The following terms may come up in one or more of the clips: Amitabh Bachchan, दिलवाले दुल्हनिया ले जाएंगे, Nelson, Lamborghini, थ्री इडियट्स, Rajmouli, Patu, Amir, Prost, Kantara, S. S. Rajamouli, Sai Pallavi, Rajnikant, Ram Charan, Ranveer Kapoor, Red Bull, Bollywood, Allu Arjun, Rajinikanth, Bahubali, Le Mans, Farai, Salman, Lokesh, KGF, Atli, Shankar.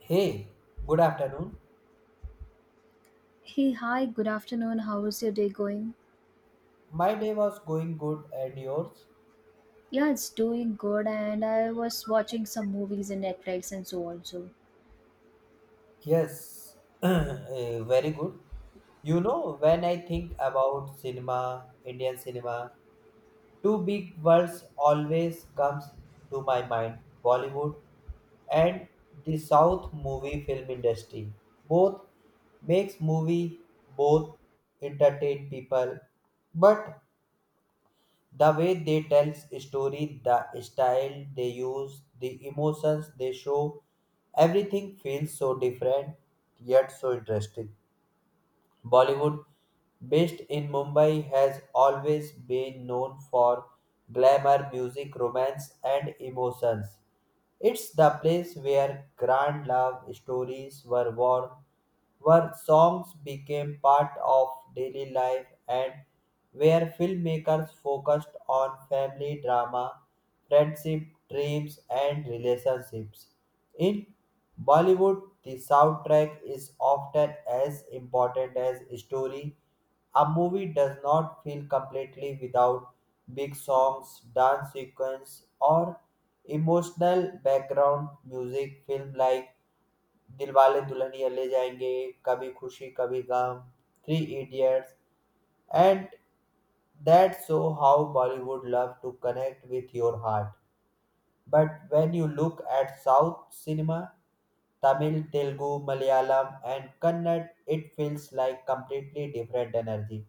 Hey, good afternoon. Hey, hi, good afternoon. How is your day going? My day was going good and yours? Yeah, it's doing good, and I was watching some movies in Netflix and so also. Yes, very good. When I think about cinema, Indian cinema, two big words always comes to my mind: Bollywood and the South movie film industry. Both makes movie, both entertain people, but the way they tell story, the style they use, the emotions they show, everything feels so different yet so interesting. Bollywood, based in Mumbai, has always been known for glamour, music, romance, and emotions. It's the place where grand love stories were born, where songs became part of daily life, and where filmmakers focused on family drama, friendship, dreams, and relationships. In Bollywood, the soundtrack is often as important as story. A movie does not feel completely without big songs, dance sequence, or emotional background music. Film like दिलवाले दुल्हनिया ले जाएंगे, Kabhi Khushi Kabhie Gham, थ्री इडियट्स, and that show how Bollywood love to connect with your heart. But when you look at South cinema, Tamil, Telugu, Malayalam, and Kannada, it feels like completely different energy.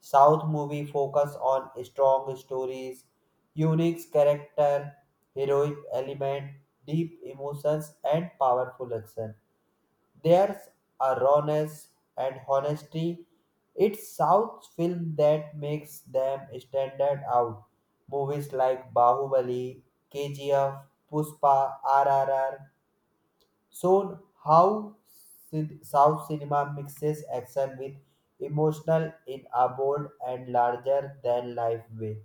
South movie focus on strong stories, unique character, heroic element, deep emotions, and powerful action. There's a rawness and honesty. It's South's film that makes them stand out. Movies like Bahubali, KGF, Puspa, RRR shown how South cinema mixes action with emotional in a bold and larger than life way.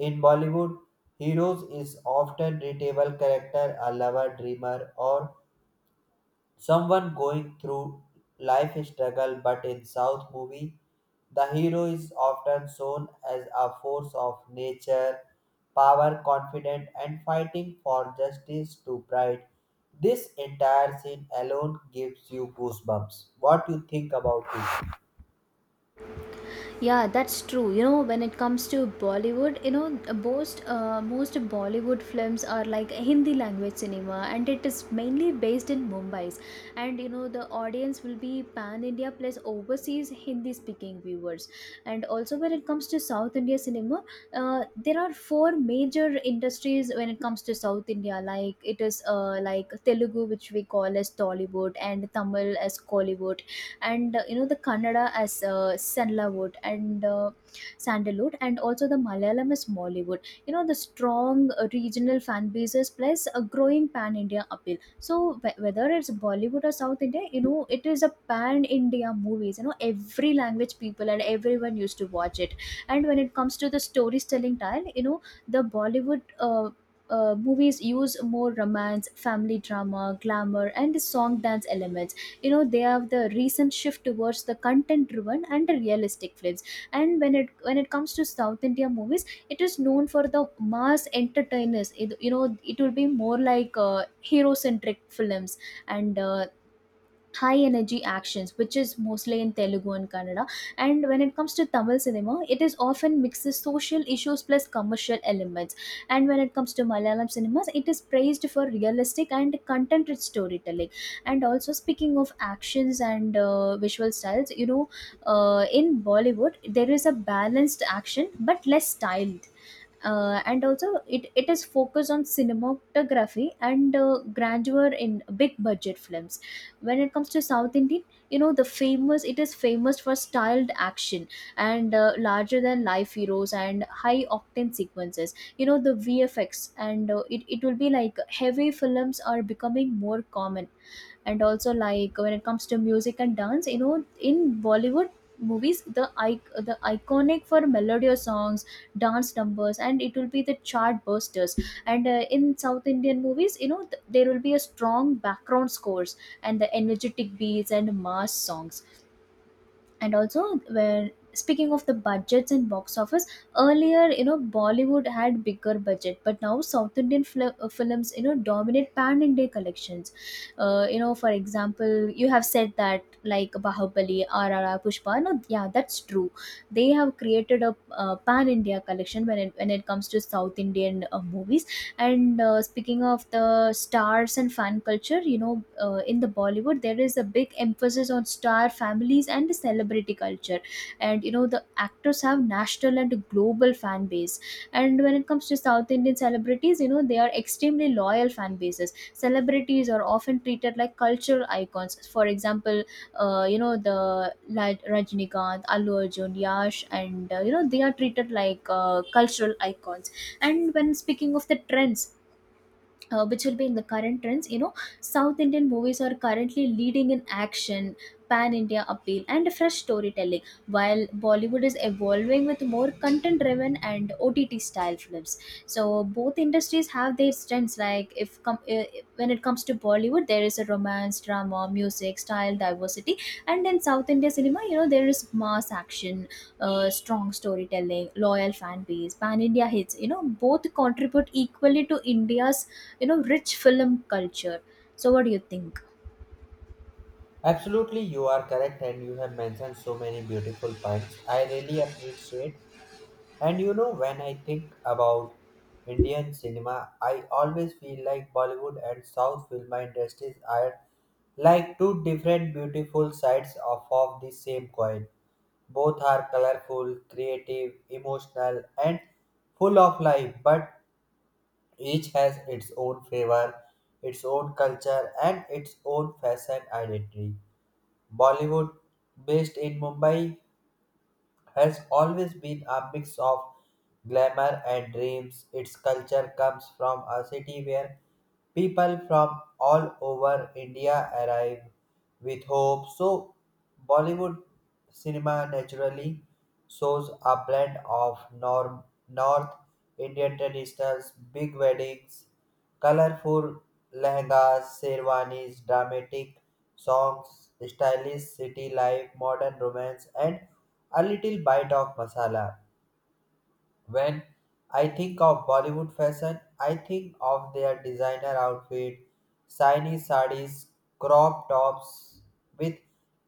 In Bollywood, heroes is often relatable character, a lover, dreamer, or someone going through life struggle, but in south movie the hero is often shown as a force of nature, power confident and fighting for justice to pride. This entire scene alone gives you goosebumps. What you think about it? Yeah, that's true. You know, when it comes to Bollywood, you know, most Bollywood films are like Hindi language cinema, and it is mainly based in Mumbai's. And you know, the audience will be pan India plus overseas Hindi speaking viewers. And also, when it comes to South India cinema, there are four major industries when it comes to South India. Like, it is like Telugu, which we call as Tollywood, and Tamil as Kollywood, and you know, the Kannada as Sanlawood and Sandalwood, and also the Malayalam is Mollywood. You know, the strong regional fan bases plus a growing pan India appeal. So whether it's Bollywood or South India, you know it is a pan India movies. You know, every language people and everyone used to watch it. And when it comes to the storytelling style, you know, the Bollywood. Movies use more romance, family drama, glamour, and the song dance elements. You know, they have the recent shift towards the content driven and the realistic films. And when it comes to south India movies, it is known for the mass entertainers. You know, it will be more like hero centric films, and high energy actions, which is mostly in Telugu and Kannada. And when it comes to Tamil cinema, it is often mixes social issues plus commercial elements. And when it comes to Malayalam cinemas, it is praised for realistic and content rich storytelling. And also, speaking of actions and visual styles, you know, in Bollywood there is a balanced action but less styled. And also it is focused on cinematography and grandeur in big budget films. When it comes to South Indian, you know, the famous it is famous for styled action and larger than life heroes and high octane sequences. You know, the VFX, and it will be like heavy films are becoming more common. And also, like, when it comes to music and dance, you know, in Bollywood movies, the iconic for melodious songs, dance numbers, and it will be the chart busters. And in South Indian movies, you know, there will be a strong background scores and the energetic beats and mass songs. And also, when speaking of the budgets and box office, earlier, you know, Bollywood had bigger budget, but now South Indian films, you know, dominate pan India collections. You know, for example, you have said that like Bahubali, RRR, Pushpa. No, yeah, that's true. They have created a pan India collection when it comes to South Indian movies. And speaking of the stars and fan culture, you know, in the Bollywood, there is a big emphasis on star families and the celebrity culture. And, you know, the actors have national and global fan base. And when it comes to South Indian celebrities, you know, they are extremely loyal fan bases. Celebrities are often treated like cultural icons. For example, you know, the like Rajinikanth, Allu Arjun, Yash, and, you know, they are treated like cultural icons. And when speaking of the trends, which will be in the current trends, you know, South Indian movies are currently leading in action, pan India appeal, and fresh storytelling, while Bollywood is evolving with more content driven and OTT style films. So both industries have their strengths. Like, if com- when it comes to Bollywood, there is a romance drama music style diversity, and in South India cinema, you know, there is mass action, strong storytelling, loyal fan base, pan India hits. You know, both contribute equally to India's, you know, rich film culture. So what do you think? Absolutely, you are correct and you have mentioned so many beautiful points, I really appreciate. And you know, when I think about Indian cinema, I always feel like Bollywood and South film industries are like two different beautiful sides of the same coin. Both are colorful, creative, emotional, and full of life, but each has its own flavor, its own culture, and its own fashion identity. Bollywood, based in Mumbai, has always been a mix of glamour and dreams. Its culture comes from a city where people from all over India arrive with hope. So, Bollywood cinema naturally shows a blend of North Indian traditions, big weddings, colorful lehengas, sherwanis, dramatic songs, stylish city life, modern romance, and a little bite of masala. When I think of Bollywood fashion, I think of their designer outfit, shiny sarees, crop tops with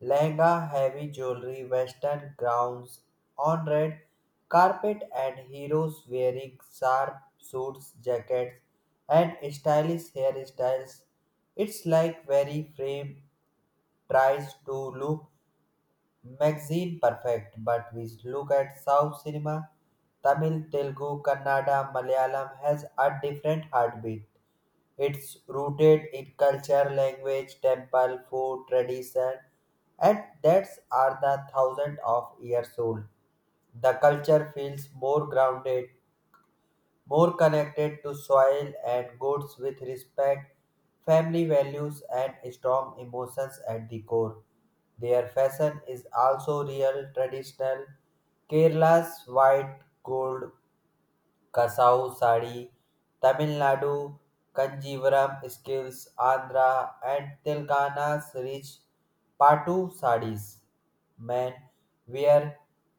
lehenga, heavy jewelry, western gowns on red carpet, and heroes wearing sharp suits, jackets, and stylish hairstyles. It's like every frame tries to look magazine perfect, but we look at South cinema. Tamil, Telugu, Kannada, Malayalam has a different heartbeat. It's rooted in culture, language, temple, food, tradition, and that's are the thousand of years old. The culture feels more grounded, more connected to soil and goods with respect, family values, and strong emotions at the core. Their fashion is also real traditional: Kerala's white gold Kasau Sari, Tamil Nadu, Kanjivaram Skills, Andhra, and Telangana's rich Patu saris. Men wear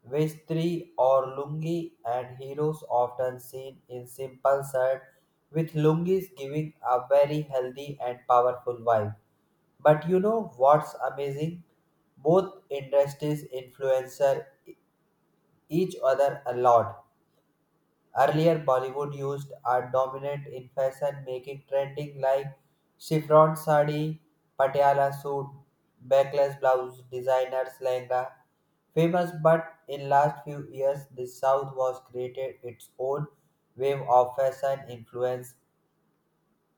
vestri or lungi, and heroes often seen in simple shirt with lungis giving a very healthy and powerful vibe. But you know what's amazing? Both industries influence each other a lot. Earlier, Bollywood used art dominant in fashion making trending like chiffon sari, patiala suit, backless blouse, designers lehenga. Famous, but in last few years, the South was created its own wave of fashion influence.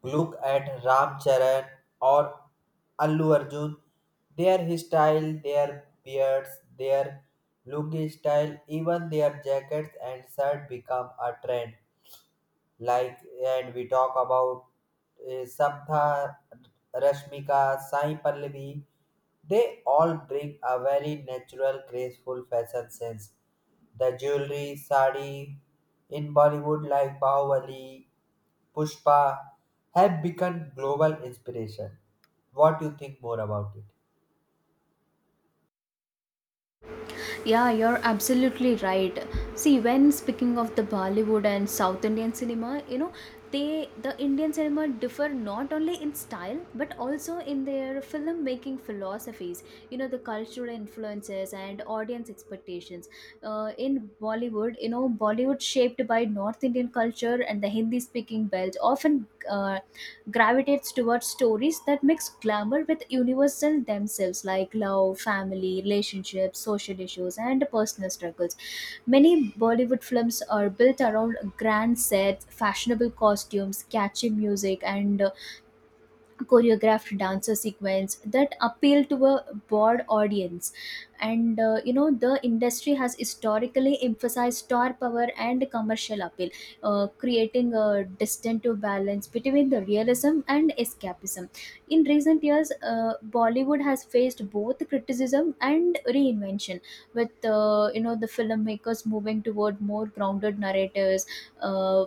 Look at Ram Charan or Allu Arjun. Their style, their beards, their look style, even their jackets and shirt become a trend. Like, and we talk about Sabha, Rashmika, Sai Pallavi. They all bring a very natural, graceful fashion sense. The jewelry, sari in Bollywood like Bahubali, Pushpa have become global inspiration. What do you think more about it? Yeah, you're absolutely right. See, when speaking of the Bollywood and South Indian cinema, you know, they the Indian cinema differ not only in style but also in their filmmaking philosophies. You know, the cultural influences and audience expectations. In Bollywood, you know, Bollywood shaped by North Indian culture and the Hindi-speaking belt often. Uh, gravitates towards stories that mix glamour with universal themselves, like love, family, relationships, social issues, and personal struggles. Many Bollywood films are built around grand sets, fashionable costumes, catchy music, and choreographed dancer sequence that appeal to a broad audience. And you know, the industry has historically emphasized star power and commercial appeal, creating a distinctive balance between the realism and escapism. In recent years, Bollywood has faced both criticism and reinvention, with you know, the filmmakers moving toward more grounded narratives, uh,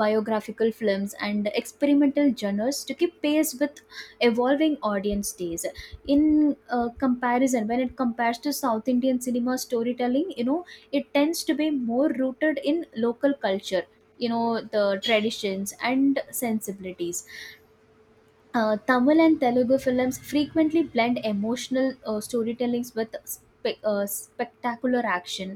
biographical films, and experimental genres to keep pace with evolving audience tastes. In comparison, when it compares to South Indian cinema storytelling, you know, it tends to be more rooted in local culture, you know, the traditions and sensibilities. Tamil and Telugu films frequently blend emotional storytellings with spectacular action,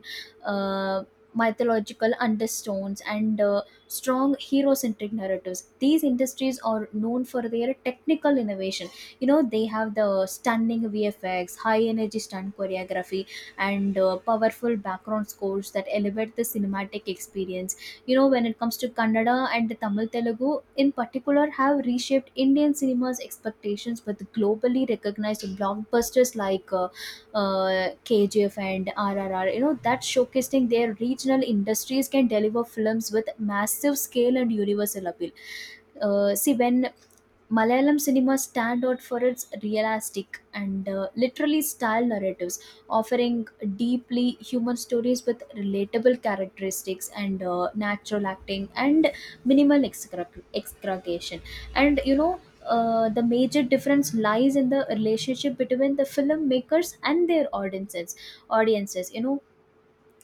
uh, mythological undertones, and strong hero centric narratives. These industries are known for their technical innovation. You know, they have the stunning VFX, high energy stunt choreography, and powerful background scores that elevate the cinematic experience. You know, when it comes to Kannada and the Tamil Telugu in particular, have reshaped Indian cinema's expectations with globally recognized blockbusters like KGF and RRR. You know, that showcasing their regional industries can deliver films with massive scale and universal appeal. See, when Malayalam cinema stand out for its realistic and literally style narratives, offering deeply human stories with relatable characteristics and natural acting and minimal excruciation. And you know, the major difference lies in the relationship between the filmmakers and their audiences. Audiences, you know,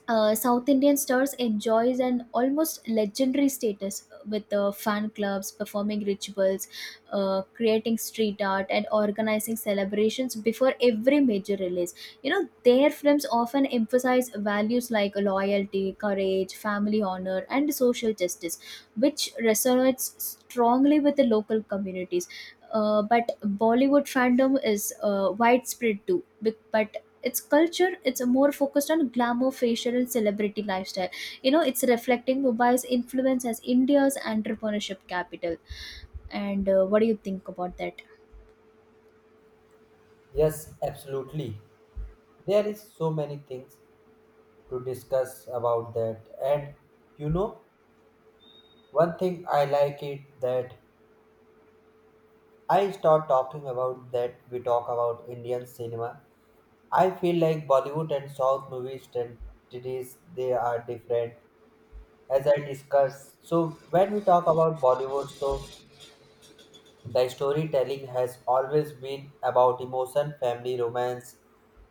South Indian stars enjoys an almost legendary status with fan clubs, performing rituals, creating street art, and organizing celebrations before every major release. You know, their films often emphasize values like loyalty, courage, family honor, and social justice, which resonates strongly with the local communities. But Bollywood fandom is widespread too, but its culture, it's more focused on glamour facial and celebrity lifestyle. You know, it's reflecting Mumbai's influence as India's entrepreneurship capital. And what do you think about that? Yes, absolutely. There is so many things to discuss about that. And you know, one thing I like it that I start talking about that we talk about Indian cinema. I feel like Bollywood and South movies identities they are different as I discussed. So when we talk about Bollywood, so the storytelling has always been about emotion, family, romance,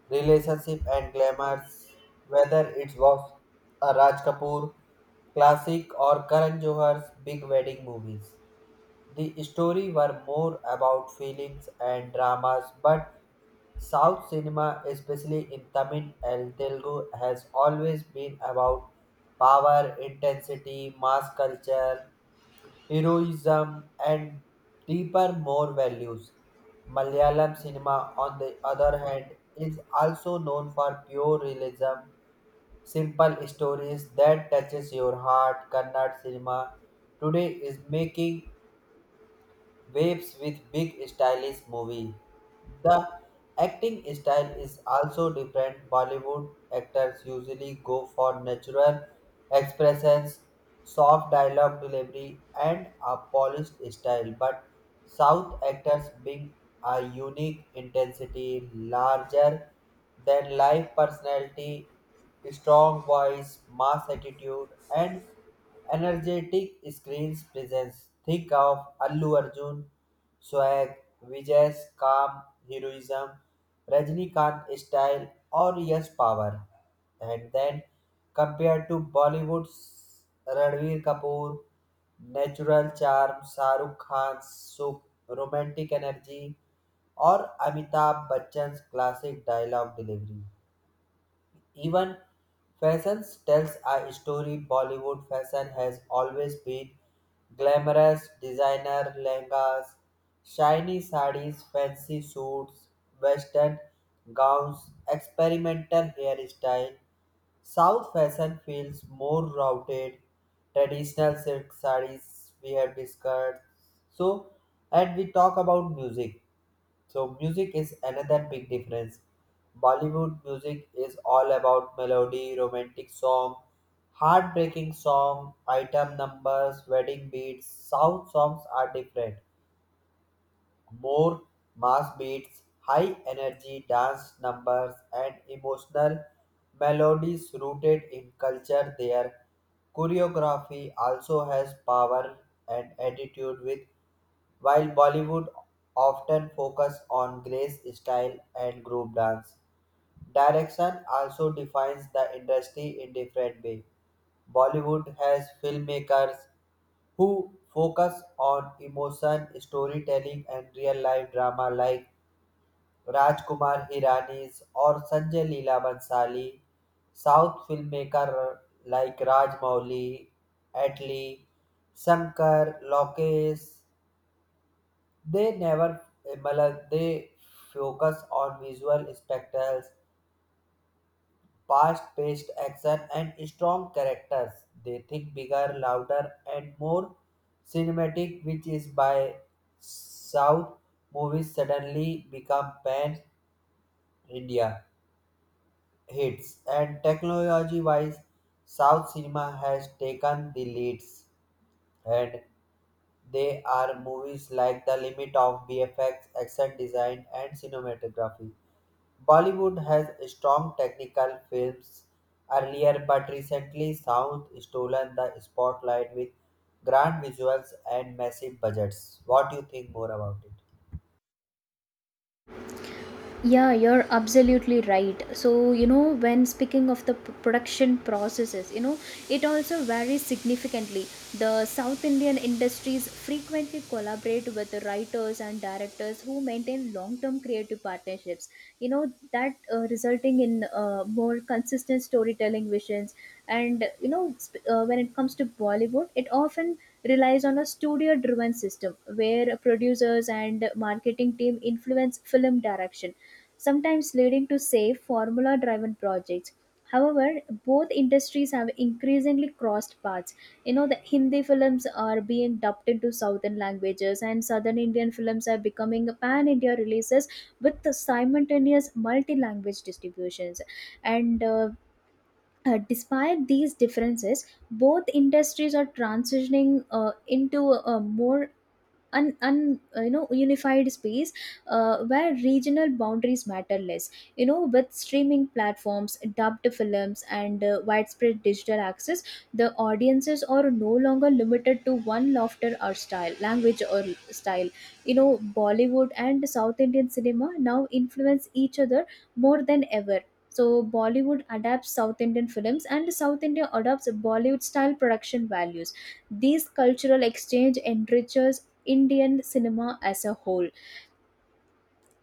relationship and glamours, whether it was a Raj Kapoor classic or Karan Johar's big wedding movies. The story were more about feelings and dramas, but South cinema, especially in Tamil and Telugu, has always been about power, intensity, mass culture, heroism, and deeper, more values. Malayalam cinema, on the other hand, is also known for pure realism, simple stories that touches your heart. Kannada cinema today is making waves with big stylish movie. The acting style is also different. Bollywood actors usually go for natural expressions, soft dialogue delivery, and a polished style, but South actors bring a unique intensity, larger than life personality, strong voice, mass attitude, and energetic screens presence. Think of Allu Arjun, Swag, Vijay's calm heroism, Rajnikant style, or Yash power. And then compared to Bollywood's Ranveer Kapoor, natural charm, Shahrukh Khan's so romantic energy, or Amitabh Bachchan's classic dialogue delivery. Even fashion tells a story. Bollywood fashion has always been glamorous designer lehengas, shiny sarees, fancy suits, western gowns, experimental hairstyle. South fashion feels more routed, traditional silk sarees we have discussed. So, and we talk about music. So, music is another big difference. Bollywood music is all about melody, romantic song, heartbreaking song, item numbers, wedding beats. South songs are different, more mass beats, high energy dance numbers, and emotional melodies rooted in culture. Their choreography also has power and attitude, with while Bollywood often focus on grace, style, and group dance. Direction also defines the industry in different way. Bollywood has filmmakers who focus on emotion, storytelling, and real life drama like Rajkumar Hirani's or Sanjay Leela Bhansali. South filmmaker like Rajmouli, Atli, Shankar, Lokesh, they never मतलब, they focus on visual spectacles, fast-paced action and strong characters. They think bigger, louder, and more cinematic, which is why South movies suddenly become pan India hits. And technology wise, South cinema has taken the leads, and they are movies like The Limit of BFX, action design, and cinematography. Bollywood has strong technical films earlier, but recently South stolen the spotlight with grand visuals and massive budgets. What do you think more about it? Yeah, you're absolutely right. So, you know, when speaking of the production processes, you know, it also varies significantly. The South Indian industries frequently collaborate with the writers and directors who maintain long term creative partnerships, you know, that resulting in more consistent storytelling visions. And, you know, when it comes to Bollywood, it often relies on a studio driven system where producers and marketing team influence film direction, sometimes leading to safe formula driven projects. However, both industries have increasingly crossed paths. You know, the Hindi films are being dubbed into southern languages, and southern Indian films are becoming pan India releases with the simultaneous multi language distributions. And despite these differences, both industries are transitioning into a more un, un you know, unified space, where regional boundaries matter less. You know, with streaming platforms, dubbed films, and widespread digital access, the audiences are no longer limited to one laughter or style language or style. You know, Bollywood and South Indian cinema now influence each other more than ever. So Bollywood adapts South Indian films and South India adopts Bollywood style production values. These cultural exchange enriches Indian cinema as a whole.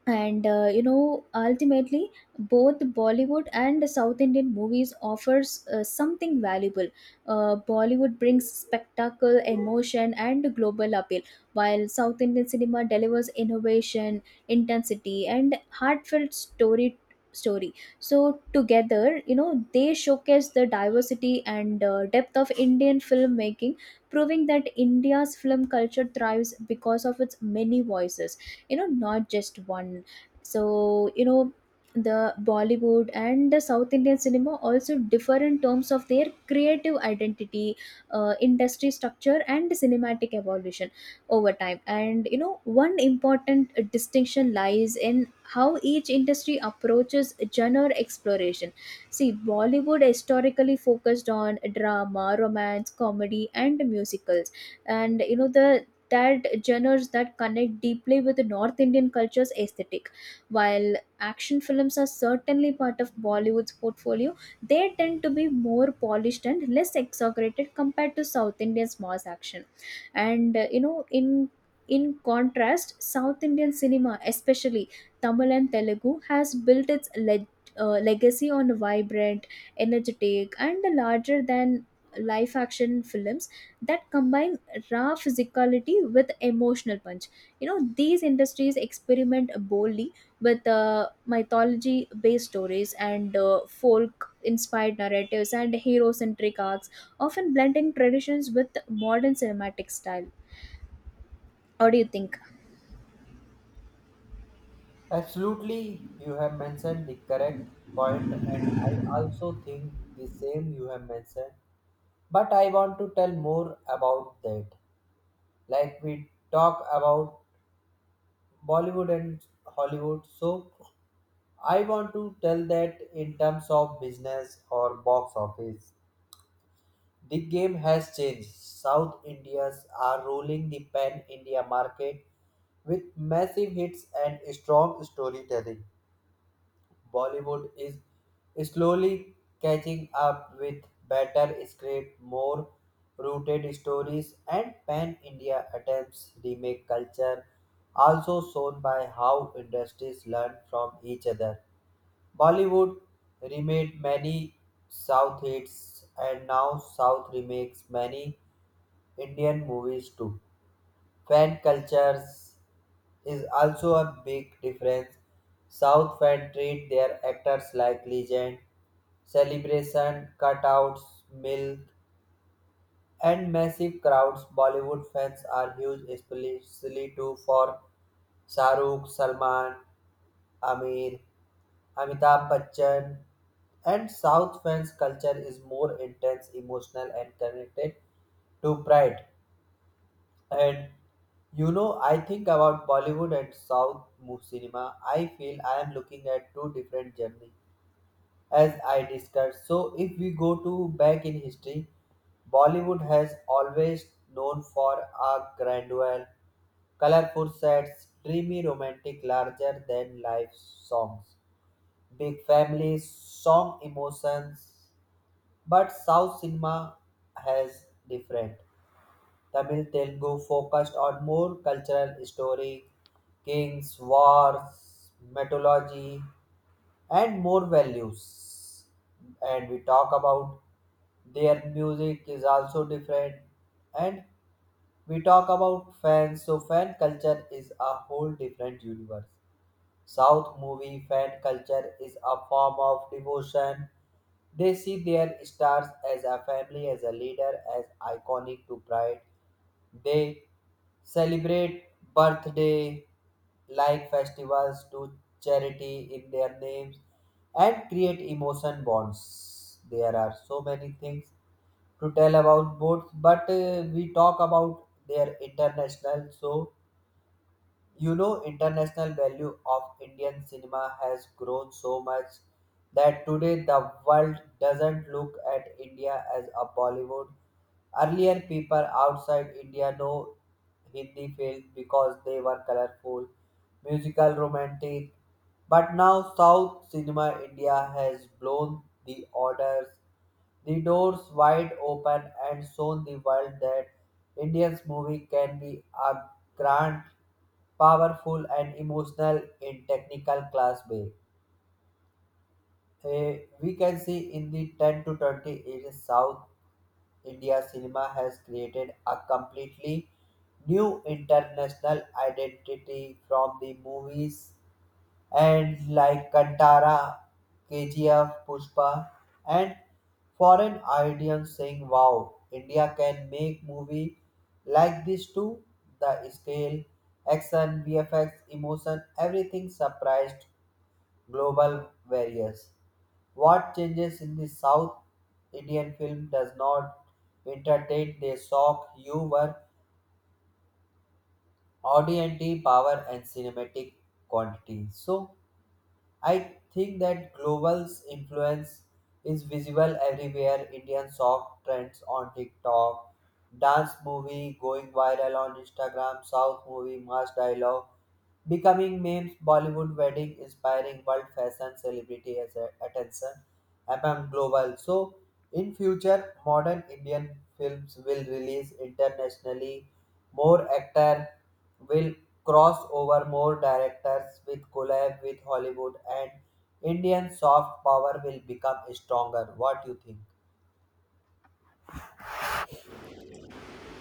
And you know, ultimately, both Bollywood and the South Indian movies offers something valuable. Bollywood brings spectacle, emotion, and global appeal, while South Indian cinema delivers innovation, intensity, and heartfelt story. So together, you know, they showcase the diversity and depth of Indian filmmaking, proving that India's film culture thrives because of its many voices, you know, not just one. So, you know, the Bollywood and the South Indian cinema also differ in terms of their creative identity, industry structure, and cinematic evolution over time. And you know, one important distinction lies in how each industry approaches genre exploration. See, Bollywood historically focused on drama, romance, comedy, and musicals, and you know, the that genres that connect deeply with the North Indian culture's aesthetic. While action films are certainly part of Bollywood's portfolio, they tend to be more polished and less exaggerated compared to South India's mass action. And you know, in contrast, South Indian cinema, especially Tamil and Telugu, has built its legacy on vibrant, energetic, and larger than life action films that combine raw physicality with emotional punch. You know, these industries experiment boldly with mythology based stories and folk inspired narratives and hero centric arcs, often blending traditions with modern cinematic style. What do you think? Absolutely, you have mentioned the correct point, and I also think the same you have mentioned. But I want to tell more about that. Like we talk about Bollywood and Hollywood. So I want to tell that in terms of business or box office, the game has changed. South Indians are ruling the pan India market with massive hits and strong storytelling. Bollywood is slowly catching up with better script, more rooted stories, and pan-India attempts remake culture, also shown by how industries learn from each other. Bollywood remade many South hits, and now South remakes many Indian movies too. Fan cultures is also a big difference. South fans treat their actors like legend, celebration, cutouts, milk, and massive crowds. Bollywood fans are huge, especially too for Shahrukh, Salman, Amir, Amitabh Bachchan, and South fans' culture is more intense, emotional, and connected to pride. And you know, I think about Bollywood and South cinema. I feel I am looking at two different journeys as I discussed. So, if we go to back in history, Bollywood has always known for a grandeur, colorful sets, dreamy, romantic, larger than life songs, big families, song emotions. But South cinema has different. Tamil Telugu focused on more cultural story, kings, wars, mythology, and more values. And we talk about their music is also different, and we talk about fans. So fan culture is a whole different universe. South movie fan culture is a form of devotion. They see their stars as a family, as a leader, as iconic to pride. They celebrate birthday like festivals to charity in their names and create emotion bonds. There are so many things to tell about both, but we talk about their international. So you know, international value of Indian cinema has grown so much that today the world doesn't look at India as a Bollywood. Earlier, people outside India know Hindi films because they were colorful musical, romantic. But now South Cinema India has blown the orders, the doors wide open, and shown the world that Indian movie can be a grand, powerful, and emotional in technical class way. We can see in the 10 to 20 years South India cinema has created a completely new international identity from the movies and like Kantara, KGF, Pushpa, and foreign audience saying, "Wow, India can make movie like this too." The scale, action, VFX, emotion, everything surprised global various. What changes in the South Indian film does not entertain; they shock you were audioity power and cinematic quantity. So I think that global's influence is visible everywhere. Indian song trends on TikTok, dance movie going viral on Instagram, South movie mass dialogue becoming memes, Bollywood wedding inspiring world fashion celebrity as a attention among global. So in future, modern Indian films will release internationally. More actor will cross over, more directors with collab with Hollywood, and Indian soft power will become stronger. What do you think?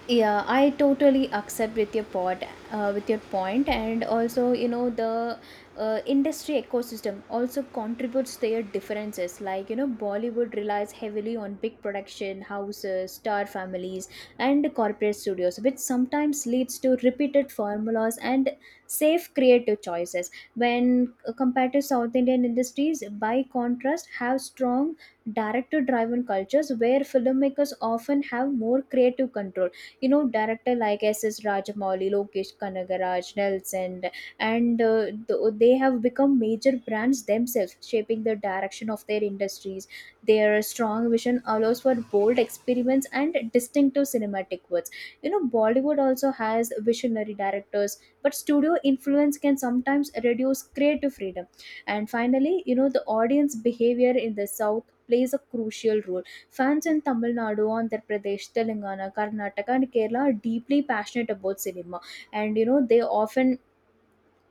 Yeah, I totally accept with your point, with your point. And also, you know, the industry ecosystem also contributes their differences. Like, you know, Bollywood relies heavily on big production houses, star families, and corporate studios, which sometimes leads to repeated formulas and safe creative choices. When compared to South Indian industries, by contrast, have strong director driven cultures where filmmakers often have more creative control. You know, director like S. S. Rajamouli, Lokesh Kanagaraj, Nelson, and they have become major brands themselves, shaping the direction of their industries. Their strong vision allows for bold experiments and distinctive cinematic works. You know, Bollywood also has visionary directors, but studio influence can sometimes reduce creative freedom. And finally, you know, the audience behavior in the south plays a crucial role. Fans in Tamil Nadu, Andhra Pradesh, Telangana, Karnataka, and Kerala are deeply passionate about cinema, and you know, they often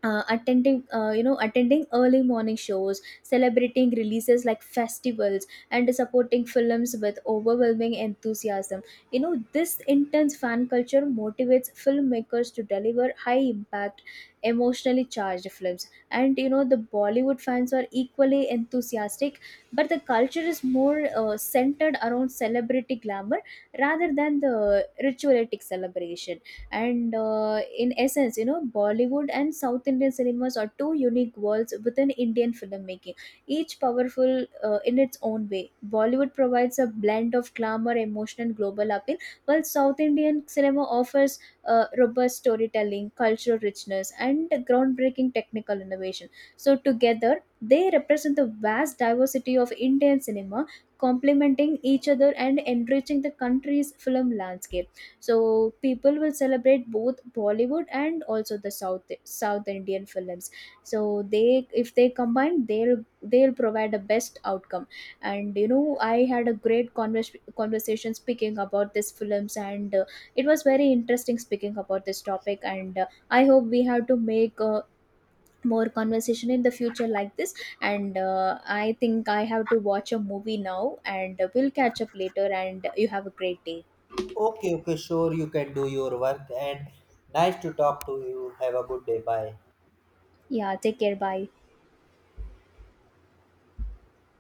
attending you know attending early morning shows, celebrating releases like festivals, and supporting films with overwhelming enthusiasm. You know, this intense fan culture motivates filmmakers to deliver high impact emotionally charged films. And you know, the Bollywood fans are equally enthusiastic, but the culture is more centered around celebrity glamour rather than the ritualistic celebration. And in essence, you know, Bollywood and South Indian cinemas are two unique worlds within Indian filmmaking, each powerful in its own way. Bollywood provides a blend of glamour, emotion, and global appeal, while South Indian cinema offers robust storytelling, cultural richness, and groundbreaking technical innovation. So together, they represent the vast diversity of Indian cinema, complementing each other and enriching the country's film landscape. So people will celebrate both Bollywood and also the south Indian films. So they if they combine, they'll provide a best outcome. And you know, I had a great conversation speaking about these films, and it was very interesting speaking about this topic. And I hope we have to make more conversation in the future like this. And I think I have to watch a movie now, and we'll catch up later, and you have a great day. Okay, okay, sure you can do your work and nice to talk to you. Have a good day. Bye. Yeah, take care, bye.